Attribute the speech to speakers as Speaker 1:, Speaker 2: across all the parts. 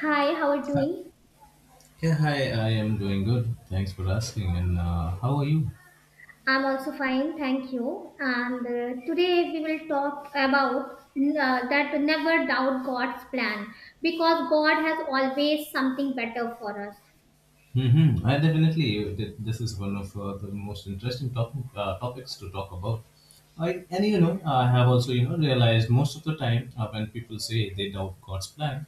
Speaker 1: Hi, how are you doing?
Speaker 2: Yeah, hi, I am doing good. Thanks for asking. And how are you?
Speaker 1: I'm also fine, thank you. And today we will talk about that never doubt God's plan because God has always something better for us.
Speaker 2: Mm-hmm. I definitely, this is one of the most interesting topics to talk about. I have also, realized most of the time when people say they doubt God's plan,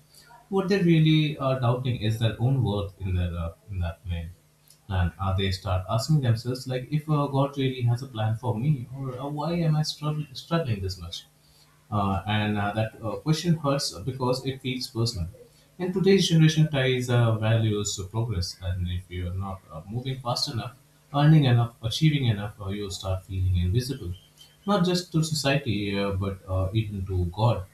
Speaker 2: what they really are doubting is their own worth in their in that plan. And they start asking themselves, like, if God really has a plan for me, or why am I struggling this much? And that question hurts because it feels personal. And today's generation ties values to progress, and if you're not moving fast enough, earning enough, achieving enough, you start feeling invisible, not just to society, but even to God.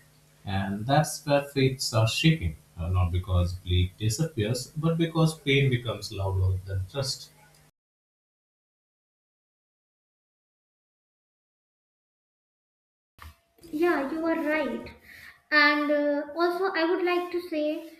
Speaker 2: And that's where faith starts shaking, not because belief disappears, but because pain becomes louder than trust.
Speaker 1: Yeah, you are right. And also, I would like to say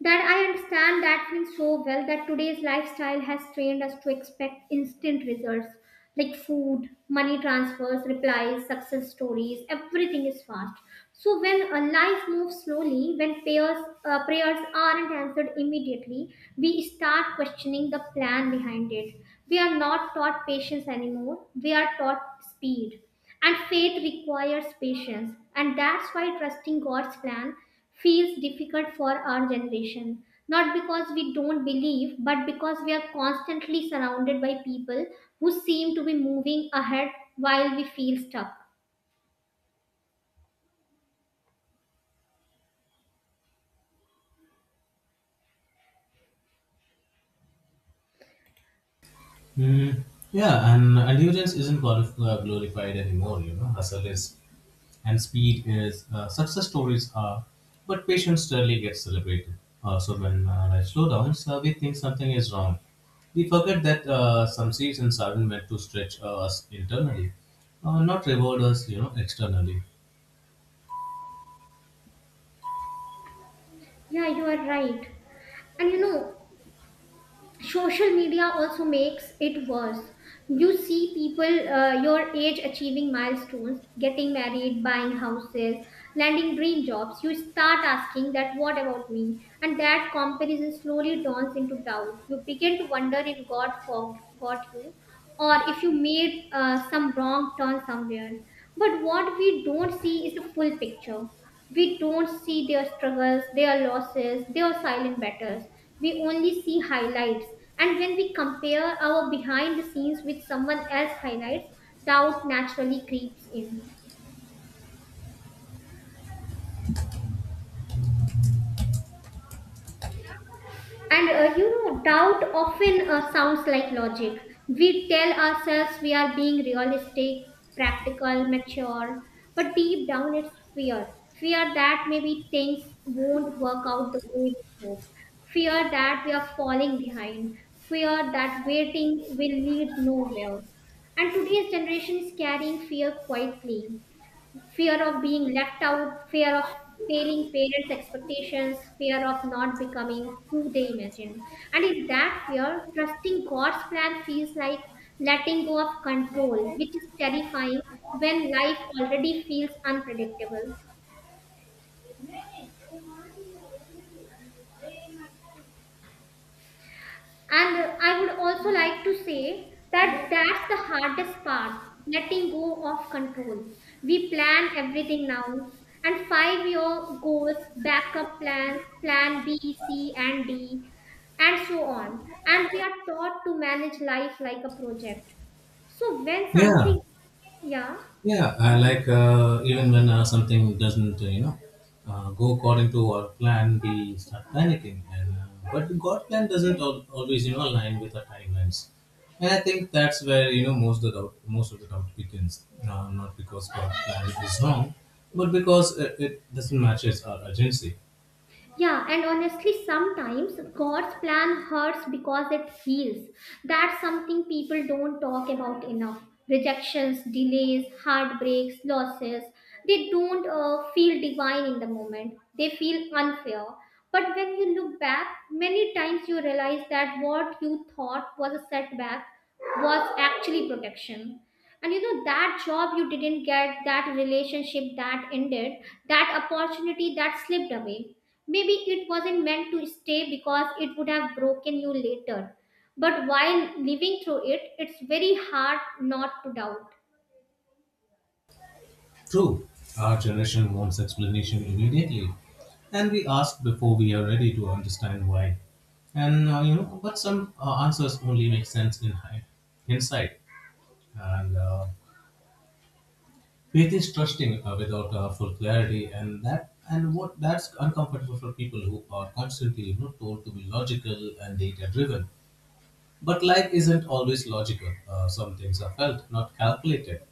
Speaker 1: that I understand that feeling so well that today's lifestyle has trained us to expect instant results like food, money transfers, replies, success stories, everything is fast. So when a life moves slowly, when prayers aren't answered immediately, we start questioning the plan behind it. We are not taught patience anymore. We are taught speed and faith requires patience, and that's why trusting God's plan feels difficult for our generation. Not because we don't believe, but because we are constantly surrounded by people who seem to be moving ahead while we feel stuck.
Speaker 2: Mm, yeah, and endurance isn't glorified anymore. Hustle is, and speed is, success stories are, but patience rarely gets celebrated. So when life slowdowns, we think something is wrong. We forget that some seasons aren't meant to stretch us internally, not reward us externally.
Speaker 1: Yeah, you are right. And you know, social media also makes it worse. You see people your age achieving milestones, getting married, buying houses, landing dream jobs. You start asking, that what about me? And that comparison slowly dawns into doubt. You begin to wonder if God forgot you, or if you made some wrong turn somewhere. But what we don't see is the full picture. We don't see their struggles, their losses, their silent battles. We only see highlights. And when we compare our behind the scenes with someone else's highlights, doubt naturally creeps in. And you know, doubt often sounds like logic. We tell ourselves we are being realistic, practical, mature, but deep down it's fear. Fear that maybe things won't work out the way we hope. Fear that we are falling behind. Fear that waiting will lead nowhere. And today's generation is carrying fear quietly, fear of being left out, fear of failing parents' expectations, fear of not becoming who they imagine. And in that fear, trusting God's plan feels like letting go of control, which is terrifying when life already feels unpredictable. And I would also like to say that that's the hardest part, letting go of control. We plan everything now, and 5 year goals, backup plans, plan B, C, and D, and so on. And we are taught to manage life like a project. So when
Speaker 2: Yeah,
Speaker 1: something, yeah,
Speaker 2: yeah, I like even when something doesn't, go according to our plan, we start panicking. And but God plan doesn't
Speaker 1: yeah.
Speaker 2: always, align with our timelines. And I think that's where most of the doubt begins. Not because God plan is wrong, but because it doesn't matches our urgency.
Speaker 1: Yeah, and honestly, sometimes God's plan hurts because it heals. That's something people don't talk about enough. Rejections, delays, heartbreaks, losses. They don't feel divine in the moment, they feel unfair. But when you look back, many times you realize that what you thought was a setback was actually protection. And you know that job you didn't get, that relationship that ended, that opportunity that slipped away, maybe it wasn't meant to stay because it would have broken you later. But while living through it, it's very hard not to doubt.
Speaker 2: True, our generation wants explanation immediately, and we ask before we are ready to understand why. And but some answers only make sense in hindsight. And faith is trusting without full clarity, and that and what that's uncomfortable for people who are constantly told to be logical and data driven. But life isn't always logical. Some things are felt, not calculated.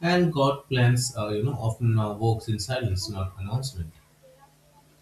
Speaker 2: And God plans, often works in silence, not announcement.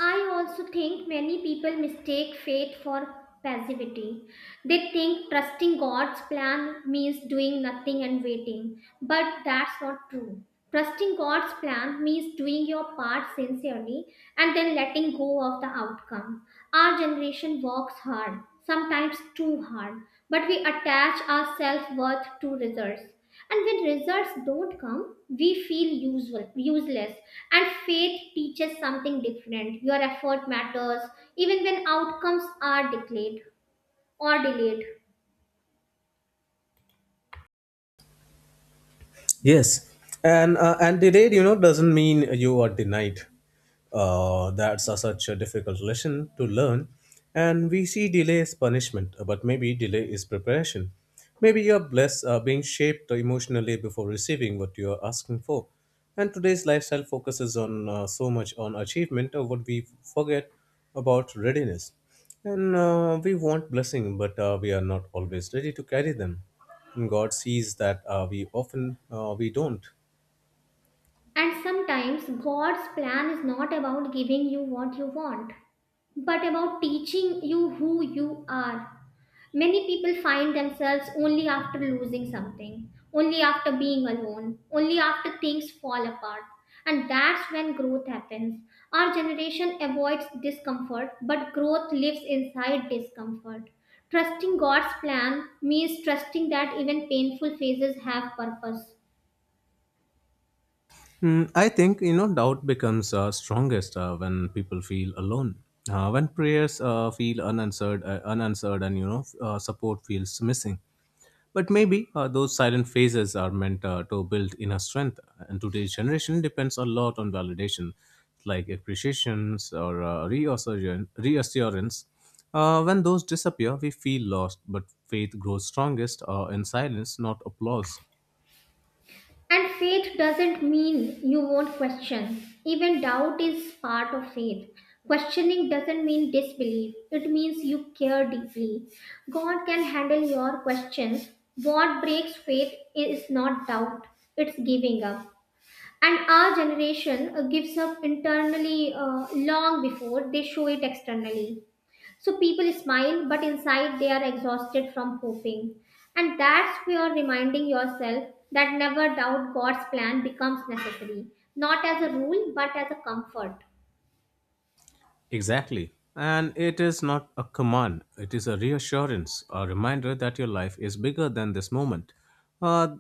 Speaker 1: I also think many people mistake faith for passivity. They think trusting God's plan means doing nothing and waiting, but that's not true. Trusting God's plan means doing your part sincerely and then letting go of the outcome. Our generation works hard, sometimes too hard, but we attach our self worth to results. And when results don't come, we feel usual, useless. And faith teaches something different. Your effort matters, even when outcomes are declared or delayed.
Speaker 2: Yes, and denied, doesn't mean you are denied. Such a difficult lesson to learn, and we see delay as punishment, but maybe delay is preparation. Maybe you're blessed, being shaped emotionally before receiving what you are asking for. And today's lifestyle focuses on, so much on achievement, what we forget about readiness. And we want blessing, but we are not always ready to carry them. And God sees that, we don't.
Speaker 1: And sometimes God's plan is not about giving you what you want, but about teaching you who you are. Many people find themselves only after losing something, only after being alone, only after things fall apart. And that's when growth happens. Our generation avoids discomfort, but growth lives inside discomfort. Trusting God's plan means trusting that even painful phases have purpose.
Speaker 2: Hmm, I think doubt becomes, strongest when people feel alone. When prayers feel unanswered, and support feels missing. But maybe, those silent phases are meant, to build inner strength, and today's generation depends a lot on validation, like appreciations or, reassurance. When those disappear, we feel lost, but faith grows strongest, in silence, not applause.
Speaker 1: And faith doesn't mean you won't question. Even doubt is part of faith. Questioning doesn't mean disbelief, it means you care deeply. God can handle your questions. What breaks faith is not doubt, it's giving up. And our generation gives up internally long before they show it externally. So people smile, but inside they are exhausted from hoping. And that's where reminding yourself that never doubt God's plan becomes necessary, not as a rule, but as a comfort.
Speaker 2: Exactly. And it is not a command, it is a reassurance, a reminder that your life is bigger than this moment. Uh,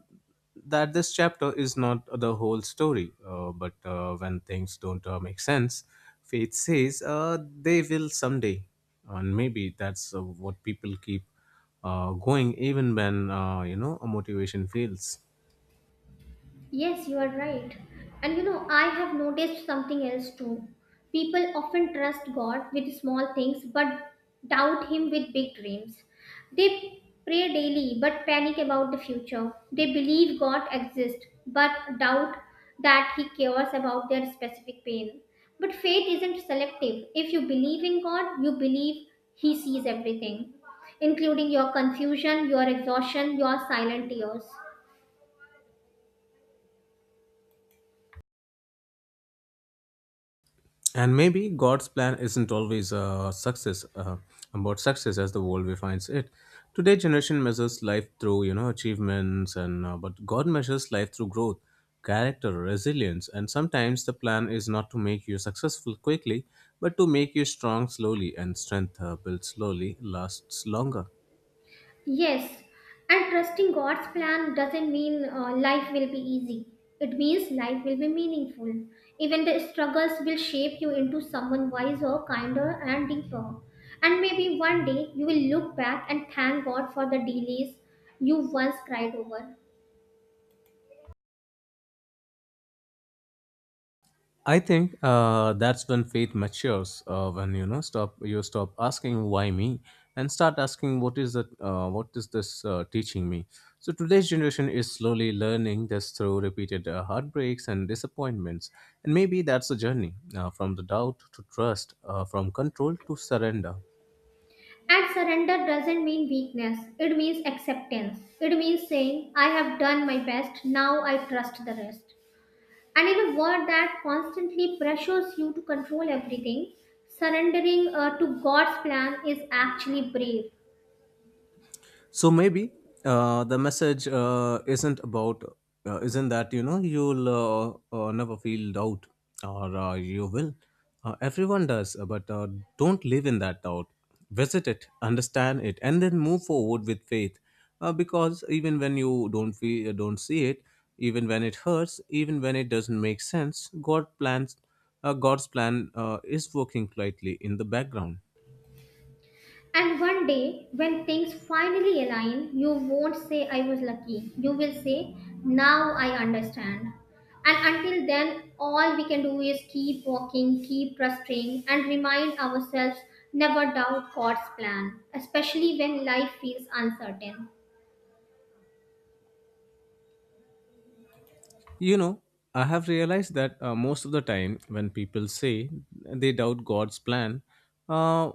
Speaker 2: that this chapter is not the whole story, but when things don't, make sense, faith says they will someday. And maybe that's what people keep going even when, a motivation fails.
Speaker 1: Yes, you are right. And you know, I have noticed something else too. People often trust God with small things but doubt Him with big dreams. They pray daily but panic about the future. They believe God exists but doubt that He cares about their specific pain. But faith isn't selective. If you believe in God, you believe He sees everything, including your confusion, your exhaustion, your silent tears.
Speaker 2: And maybe God's plan isn't always a success about success as the world defines it. Today, generation measures life through achievements, and but God measures life through growth, character, resilience, and sometimes the plan is not to make you successful quickly, but to make you strong slowly. And strength built slowly lasts longer.
Speaker 1: Yes, and trusting God's plan doesn't mean life will be easy. It means life will be meaningful. Even the struggles will shape you into someone wiser, kinder, and deeper. And maybe one day you will look back and thank God for the delays you once cried over.
Speaker 2: I think that's when faith matures. When you stop asking why me, and start asking what is that? What is this, teaching me? So today's generation is slowly learning this through repeated, heartbreaks and disappointments, and maybe that's a journey from the doubt to trust, from control to surrender.
Speaker 1: And surrender doesn't mean weakness, it means acceptance. It means saying, I have done my best, now I trust the rest. And in a world that constantly pressures you to control everything, surrendering to God's plan is actually brave.
Speaker 2: So maybe, the message isn't about, isn't that, you'll, never feel doubt or, you will, everyone does, but, don't live in that doubt. Visit it, understand it, and then move forward with faith, because even when you don't feel, don't see it, even when it hurts, even when it doesn't make sense, God's plan is working quietly in the background.
Speaker 1: And one day, when things finally align, you won't say, I was lucky. You will say, now I understand. And until then, all we can do is keep walking, keep trusting, and remind ourselves, never doubt God's plan, especially when life feels uncertain.
Speaker 2: You know, I have realized that, most of the time when people say they doubt God's plan, uh,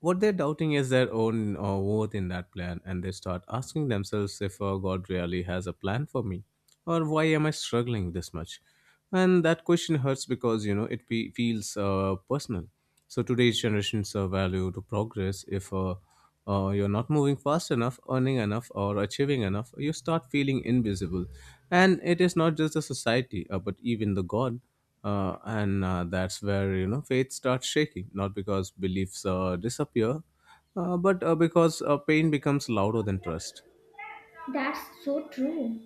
Speaker 2: what they're doubting is their own, worth in that plan, and they start asking themselves if God really has a plan for me, or why am I struggling this much? And that question hurts because it feels, personal. So today's generations, value to progress, if, you're not moving fast enough, earning enough, or achieving enough, you start feeling invisible. And it is not just the society, but even the God. And that's where faith starts shaking, not because beliefs, disappear, but, because, pain becomes louder than trust.
Speaker 1: That's so true.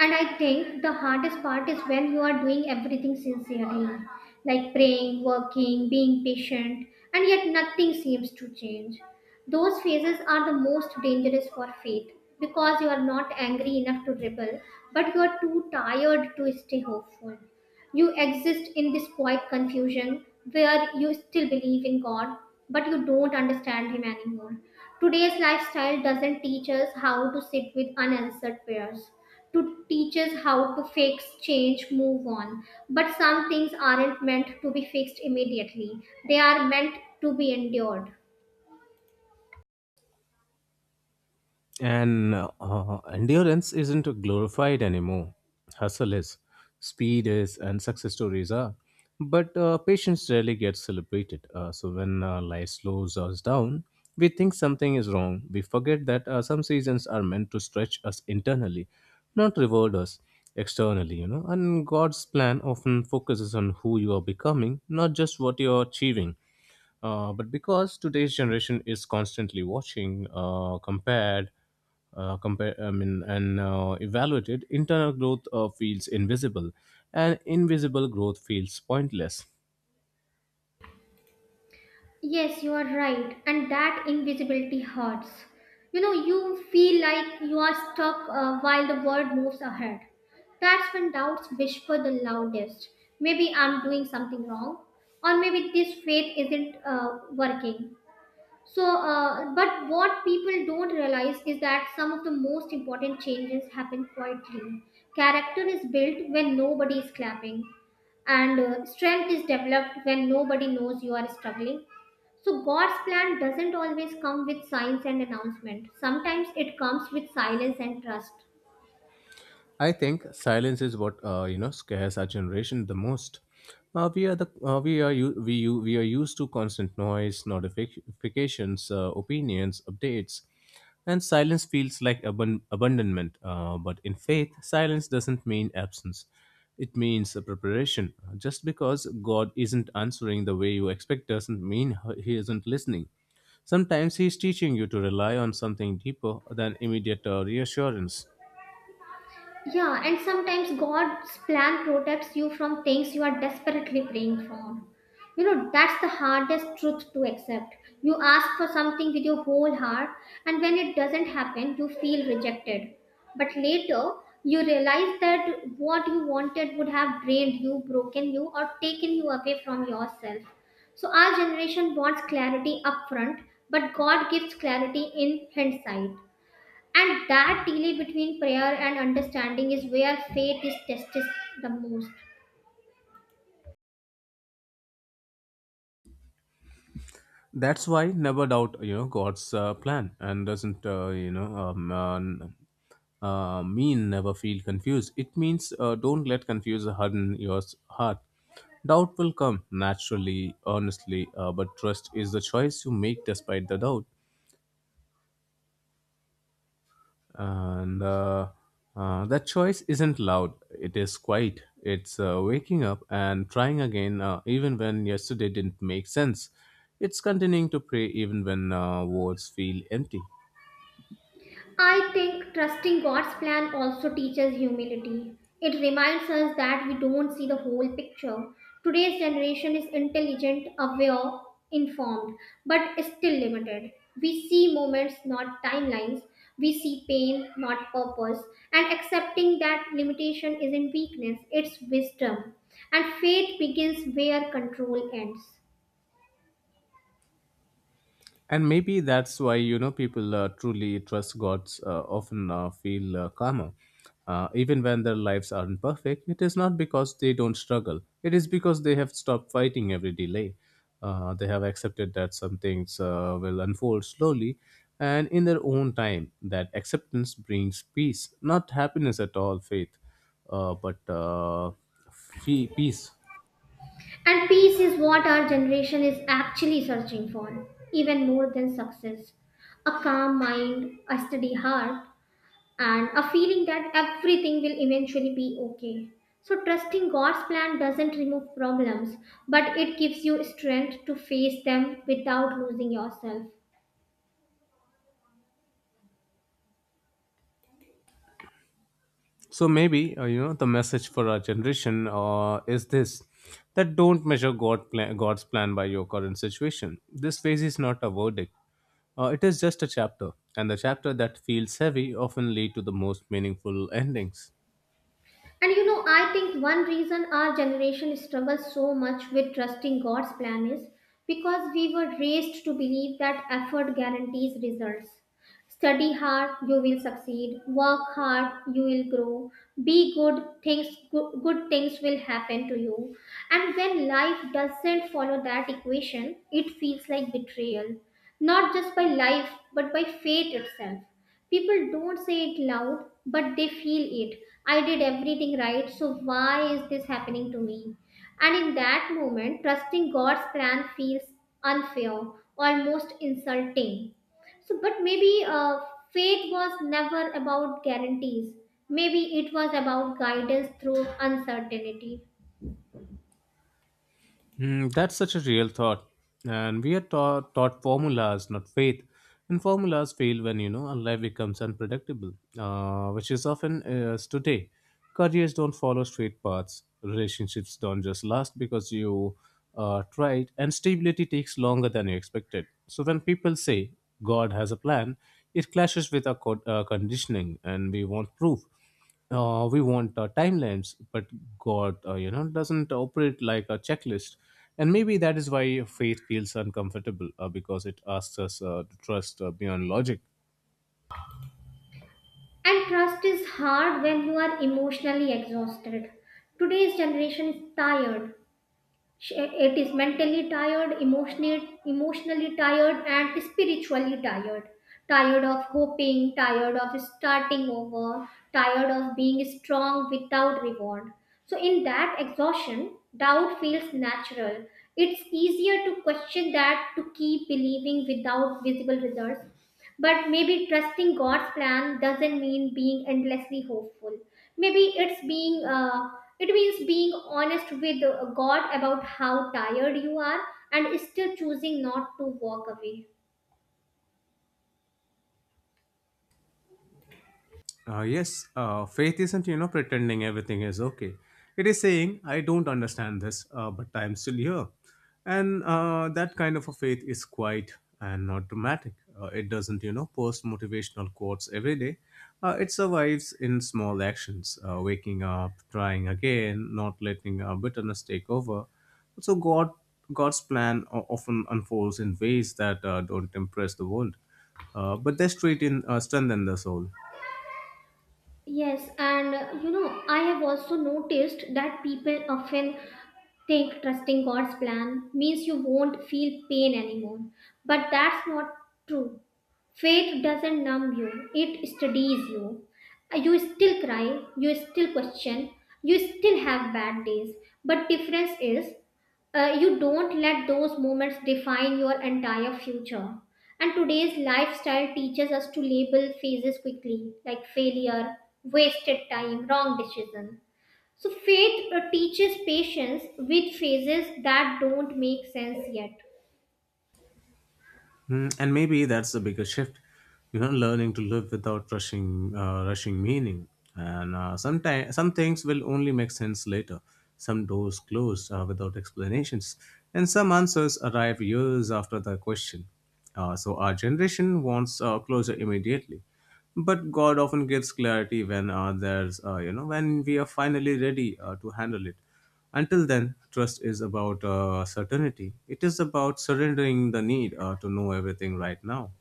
Speaker 1: And I think the hardest part is when you are doing everything sincerely, like praying, working, being patient, and yet nothing seems to change. Those phases are the most dangerous for faith because you are not angry enough to rebel, but you are too tired to stay hopeful. You exist in this quiet confusion where you still believe in God, but you don't understand Him anymore. Today's lifestyle doesn't teach us how to sit with unanswered prayers, to teach us how to fix, change, move on. But some things aren't meant to be fixed immediately, they are meant to be endured.
Speaker 2: And endurance isn't glorified anymore. Hustle is, speed is, and success stories are. But patience rarely gets celebrated. So when, life slows us down, we think something is wrong. We forget that, some seasons are meant to stretch us internally, not reward us externally. And God's plan often focuses on who you are becoming, not just what you are achieving. But because today's generation is constantly watching, compare, I mean, and evaluated, internal growth feels invisible, and invisible growth feels pointless.
Speaker 1: Yes, you are right. And that invisibility hurts. You know, you feel like you are stuck while the world moves ahead. That's when doubts whisper the loudest. Maybe I'm doing something wrong, or maybe this faith isn't working. But what people don't realize is that some of the most important changes happen quietly. Character is built when nobody is clapping, and strength is developed when nobody knows you are struggling. So, God's plan doesn't always come with signs and announcement, sometimes it comes with silence and trust.
Speaker 2: I think silence is what, scares our generation the most. We are used to constant noise, notifications, opinions, updates, and silence feels like abandonment. But in faith, silence doesn't mean absence; it means a preparation. Just because God isn't answering the way you expect doesn't mean He isn't listening. Sometimes He is teaching you to rely on something deeper than immediate, reassurance.
Speaker 1: Yeah, and sometimes God's plan protects you from things you are desperately praying for. You know, that's the hardest truth to accept. You ask for something with your whole heart, and when it doesn't happen, you feel rejected. But later, you realize that what you wanted would have drained you, broken you, or taken you away from yourself. So, our generation wants clarity upfront, but God gives clarity in hindsight. And that delay between prayer and understanding is where faith is tested the most.
Speaker 2: That's why never doubt, God's plan and doesn't, mean never feel confused. It means, don't let confuse harden your heart. Doubt will come naturally, honestly, but trust is the choice you make despite the doubt. And, that choice isn't loud, it is quiet. It's, waking up and trying again, even when yesterday didn't make sense. It's continuing to pray even when, words feel empty.
Speaker 1: I think trusting God's plan also teaches humility. It reminds us that we don't see the whole picture. Today's generation is intelligent, aware, informed, but still limited. We see moments, not timelines. We see pain, not purpose. And accepting that limitation isn't weakness, it's wisdom. And faith begins where control ends.
Speaker 2: And maybe that's why, people truly trust gods, often feel calmer. Even when their lives aren't perfect, it is not because they don't struggle. It is because they have stopped fighting every delay. They have accepted that some things, will unfold slowly and in their own time. That acceptance brings peace, not happiness at all, faith, but, peace.
Speaker 1: And peace is what our generation is actually searching for, even more than success. A calm mind, a steady heart, and a feeling that everything will eventually be okay. So, trusting God's plan doesn't remove problems, but it gives you strength to face them without losing yourself.
Speaker 2: So maybe, the message for our generation, is this: that don't measure God's plan by your current situation. This phase is not a verdict; it is just a chapter, and the chapter that feels heavy often lead to the most meaningful endings.
Speaker 1: And you know, I think one reason our generation struggles so much with trusting God's plan is because we were raised to believe that effort guarantees results. Study hard, you will succeed. Work hard, you will grow. Be good, good things will happen to you. And when life doesn't follow that equation, it feels like betrayal, not just by life but by fate itself. People don't say it loud, but they feel it. I did everything right, so why is this happening to me? And in that moment, trusting God's plan feels unfair, almost insulting. But maybe faith was never about guarantees. Maybe it was about guidance through uncertainty.
Speaker 2: Mm, that's such a real thought. And we are taught formulas, not faith. And formulas fail when, our life becomes unpredictable, which is often, is today. Careers don't follow straight paths. Relationships don't just last because you, tried. And stability takes longer than you expected. So when people say God has a plan, it clashes with our conditioning, and we want proof, we want, timelines, but God, doesn't operate like a checklist. And maybe that is why faith feels uncomfortable, because it asks us, to trust, beyond logic.
Speaker 1: And trust is hard when you are emotionally exhausted. Today's generation is tired. It is mentally tired, emotionally tired, and spiritually tired. Tired of hoping, tired of starting over, tired of being strong without reward. So, in that exhaustion, doubt feels natural. It's easier to question that to keep believing without visible results, but maybe trusting God's plan doesn't mean being endlessly hopeful. Maybe it's being it means being honest with God about how tired you are and still choosing not to walk away.
Speaker 2: Yes, faith isn't, pretending everything is okay. It is saying, I don't understand this, but I'm still here. And, that kind of a faith is quiet and not dramatic. It doesn't, post motivational quotes every day. It survives in small actions, waking up, trying again, not letting, bitterness take over. So God's plan often unfolds in ways that, don't impress the world, but they strengthen the soul.
Speaker 1: Yes, and you know, I have also noticed that people often think trusting God's plan means you won't feel pain anymore. But that's not true. Faith doesn't numb you, it steadies you. You still cry, you still question, you still have bad days. But difference is you don't let those moments define your entire future. And today's lifestyle teaches us to label phases quickly, like failure, wasted time, wrong decision. So faith teaches patience with phases that don't make sense yet.
Speaker 2: Mm, and maybe that's the biggest shift, learning to live without rushing meaning. And, sometimes some things will only make sense later. Some doors close without explanations, and some answers arrive years after the question. So our generation wants closure immediately, but God often gives clarity when there's, you know, when we are finally ready to handle it. Until then, trust is about certainty. It is about surrendering the need to know everything right now.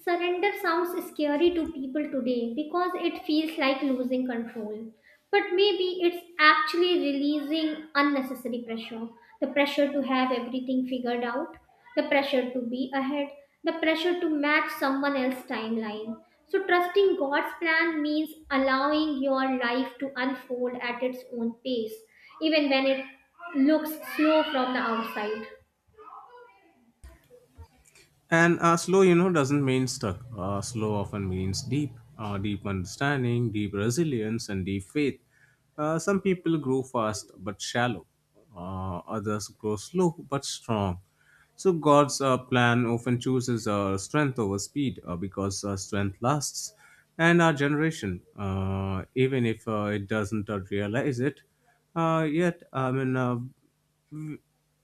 Speaker 1: Surrender sounds scary to people today because it feels like losing control. But maybe it's actually releasing unnecessary pressure, the pressure to have everything figured out, the pressure to be ahead, the pressure to match someone else's timeline. So, trusting God's plan means allowing your life to unfold at its own pace, even when it looks slow from the outside.
Speaker 2: And slow, you know, doesn't mean stuck. Slow often means deep, deep understanding, deep resilience, and deep faith. Some people grow fast but shallow. Others grow slow but strong. So God's plan often chooses strength over speed because strength lasts. And our generation, even if it doesn't realize it, yet w-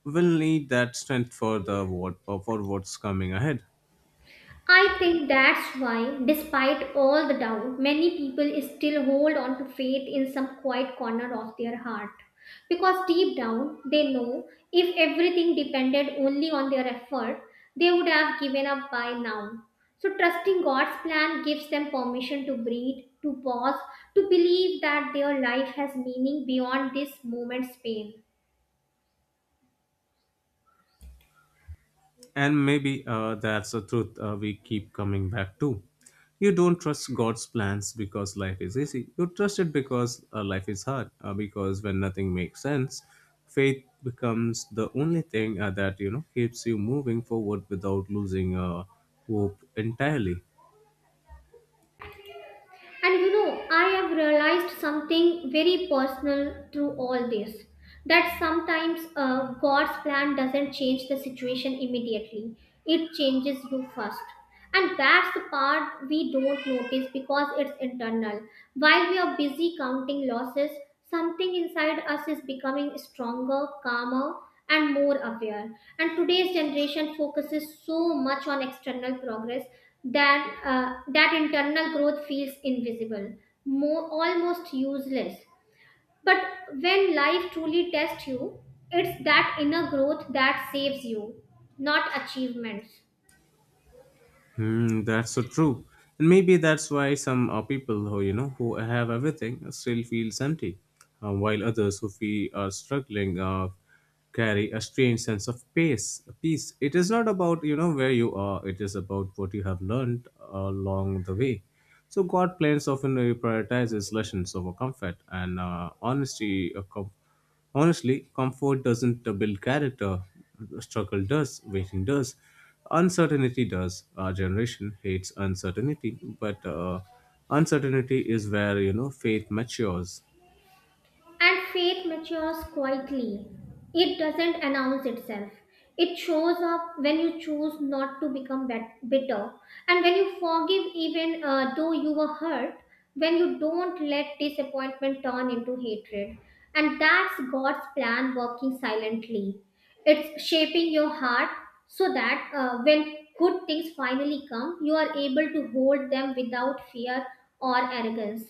Speaker 2: will need that strength for the what for what's coming ahead.
Speaker 1: I think that's why, despite all the doubt, many people still hold on to faith in some quiet corner of their heart. Because deep down, they know if everything depended only on their effort, they would have given up by now. So, trusting God's plan gives them permission to breathe, to pause, to believe that their life has meaning beyond this moment's pain.
Speaker 2: And maybe that's the truth we keep coming back to. You don't trust God's plans because life is easy. You trust it because life is hard. Because when nothing makes sense, faith becomes the only thing that you know keeps you moving forward without losing hope entirely.
Speaker 1: And you know, I have realized something very personal through all this, that sometimes God's plan doesn't change the situation immediately, it changes you first. And that's the part we don't notice because it's internal. While we are busy counting losses, something inside us is becoming stronger, calmer, and more aware. And today's generation focuses so much on external progress that, that internal growth feels invisible, more, almost useless. But when life truly tests you, it's that inner growth that saves you, not achievements.
Speaker 2: Hmm, that's so true. And maybe that's why some people who you know who have everything still feels empty, while others who feel are struggling carry a strange sense of peace. It is not about you know where you are; it is about what you have learned along the way. So God plans often prioritizes lessons over comfort and Honestly, comfort doesn't build character. Struggle does, waiting does, uncertainty does. Our generation hates uncertainty, but uncertainty is where you know faith matures.
Speaker 1: And faith matures quietly. It doesn't announce itself. It shows up when you choose not to become bitter, and when you forgive even though you were hurt, when you don't let disappointment turn into hatred. And that's God's plan working silently. It's shaping your heart so that when good things finally come, you are able to hold them without fear or arrogance.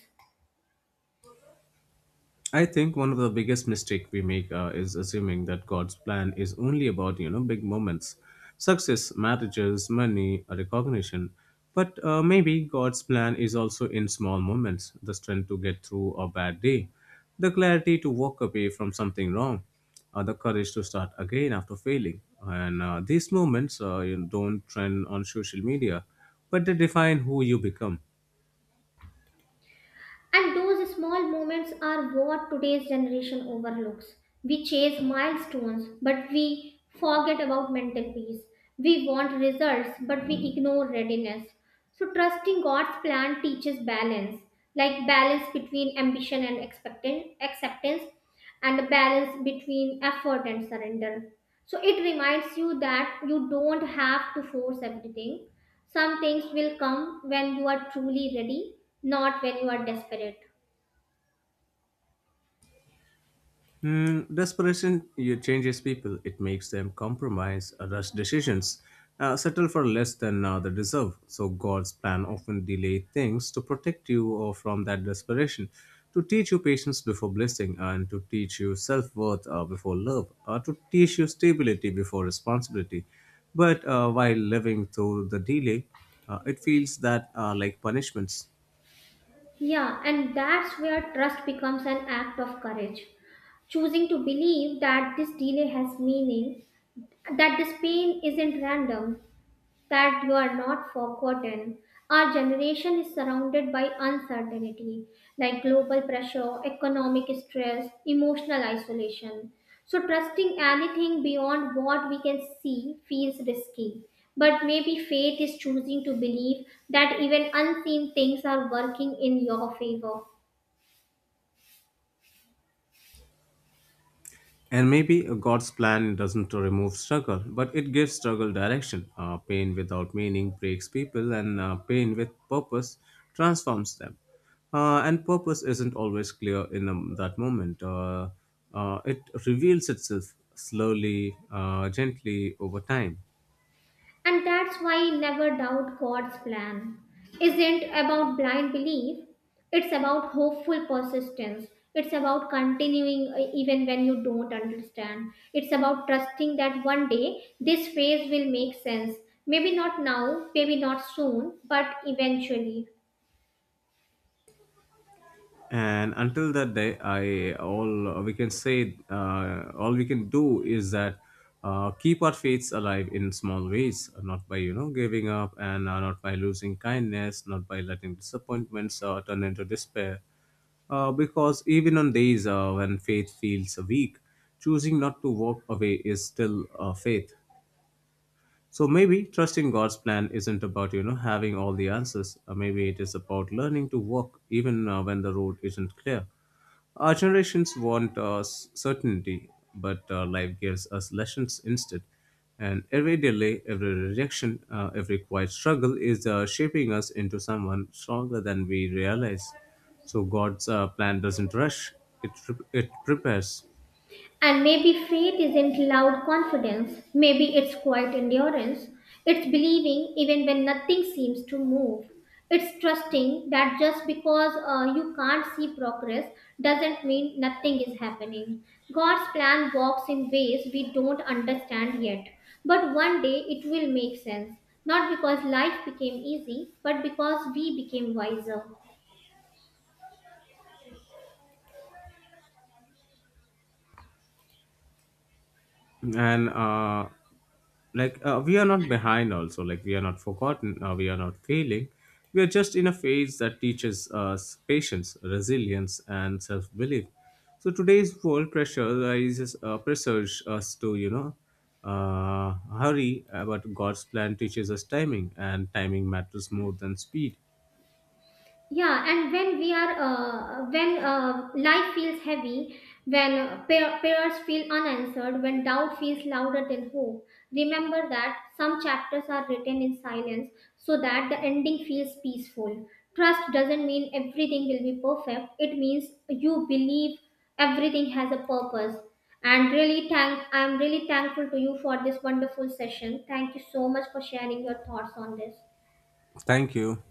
Speaker 2: I think one of the biggest mistake we make is assuming that God's plan is only about you know big moments, success, marriages, money, or recognition. But maybe God's plan is also in small moments: the strength to get through a bad day, the clarity to walk away from something wrong, the courage to start again after failing. And these moments you don't trend on social media, but they define who you become.
Speaker 1: And those small moments are what today's generation overlooks. We chase milestones, but we forget about mental peace. We want results, but we ignore readiness. So, trusting God's plan teaches balance, like balance between ambition and acceptance, and a balance between effort and surrender. So it reminds you that you don't have to force everything. Some things will come when you are truly ready, not when you are desperate.
Speaker 2: Mm, desperation you changes people. It makes them compromise, rush decisions, settle for less than they deserve. So God's plan often delay things to protect you or from that desperation, to teach you patience before blessing, and to teach you self worth before love, to teach you stability before responsibility. But while living through the delay, it feels that like punishments.
Speaker 1: Yeah, and that's where trust becomes an act of courage. Choosing to believe that this delay has meaning, that this pain isn't random, that you are not forgotten. Our generation is surrounded by uncertainty, like global pressure, economic stress, emotional isolation. So, trusting anything beyond what we can see feels risky. But maybe faith is choosing to believe that even unseen things are working in your favor.
Speaker 2: And maybe God's plan doesn't remove struggle, but it gives struggle direction. Pain without meaning breaks people, and pain with purpose transforms them. And purpose isn't always clear in that moment. It reveals itself slowly, gently over time.
Speaker 1: And that's why never doubt God's plan. Isn't about blind belief, it's about hopeful persistence. It's about continuing even when you don't understand. It's about trusting that one day this phase will make sense. Maybe not now, maybe not soon, but eventually.
Speaker 2: And until that day, I all we can say, all we can do is that keep our faiths alive in small ways, not by you know giving up, and not by losing kindness, not by letting disappointments turn into despair, because even on days when faith feels weak, choosing not to walk away is still faith. So maybe trusting God's plan isn't about you know having all the answers. Maybe it is about learning to walk even when the road isn't clear. Our generations want certainty, but life gives us lessons instead. And every delay, every rejection, every quiet struggle is shaping us into someone stronger than we realize. So God's plan doesn't rush; it prepares.
Speaker 1: And maybe faith isn't loud confidence, maybe it's quiet endurance. It's believing even when nothing seems to move. It's trusting that just because you can't see progress doesn't mean nothing is happening. God's plan works in ways we don't understand yet, but one day it will make sense. Not because life became easy, but because we became wiser.
Speaker 2: And we are not behind, also like we are not forgotten, we are not failing, we are just in a phase that teaches us patience, resilience and self-belief. So today's world pressurises pressures us to you know hurry, but God's plan teaches us timing, and timing matters more than speed.
Speaker 1: Yeah, and when we are when life feels heavy, when prayers feel unanswered, when doubt feels louder than hope, remember that some chapters are written in silence so that the ending feels peaceful. Trust doesn't mean everything will be perfect, it means you believe everything has a purpose. And really thank I'm really thankful to you for this wonderful session. Thank you so much for sharing your thoughts on this.
Speaker 2: Thank you.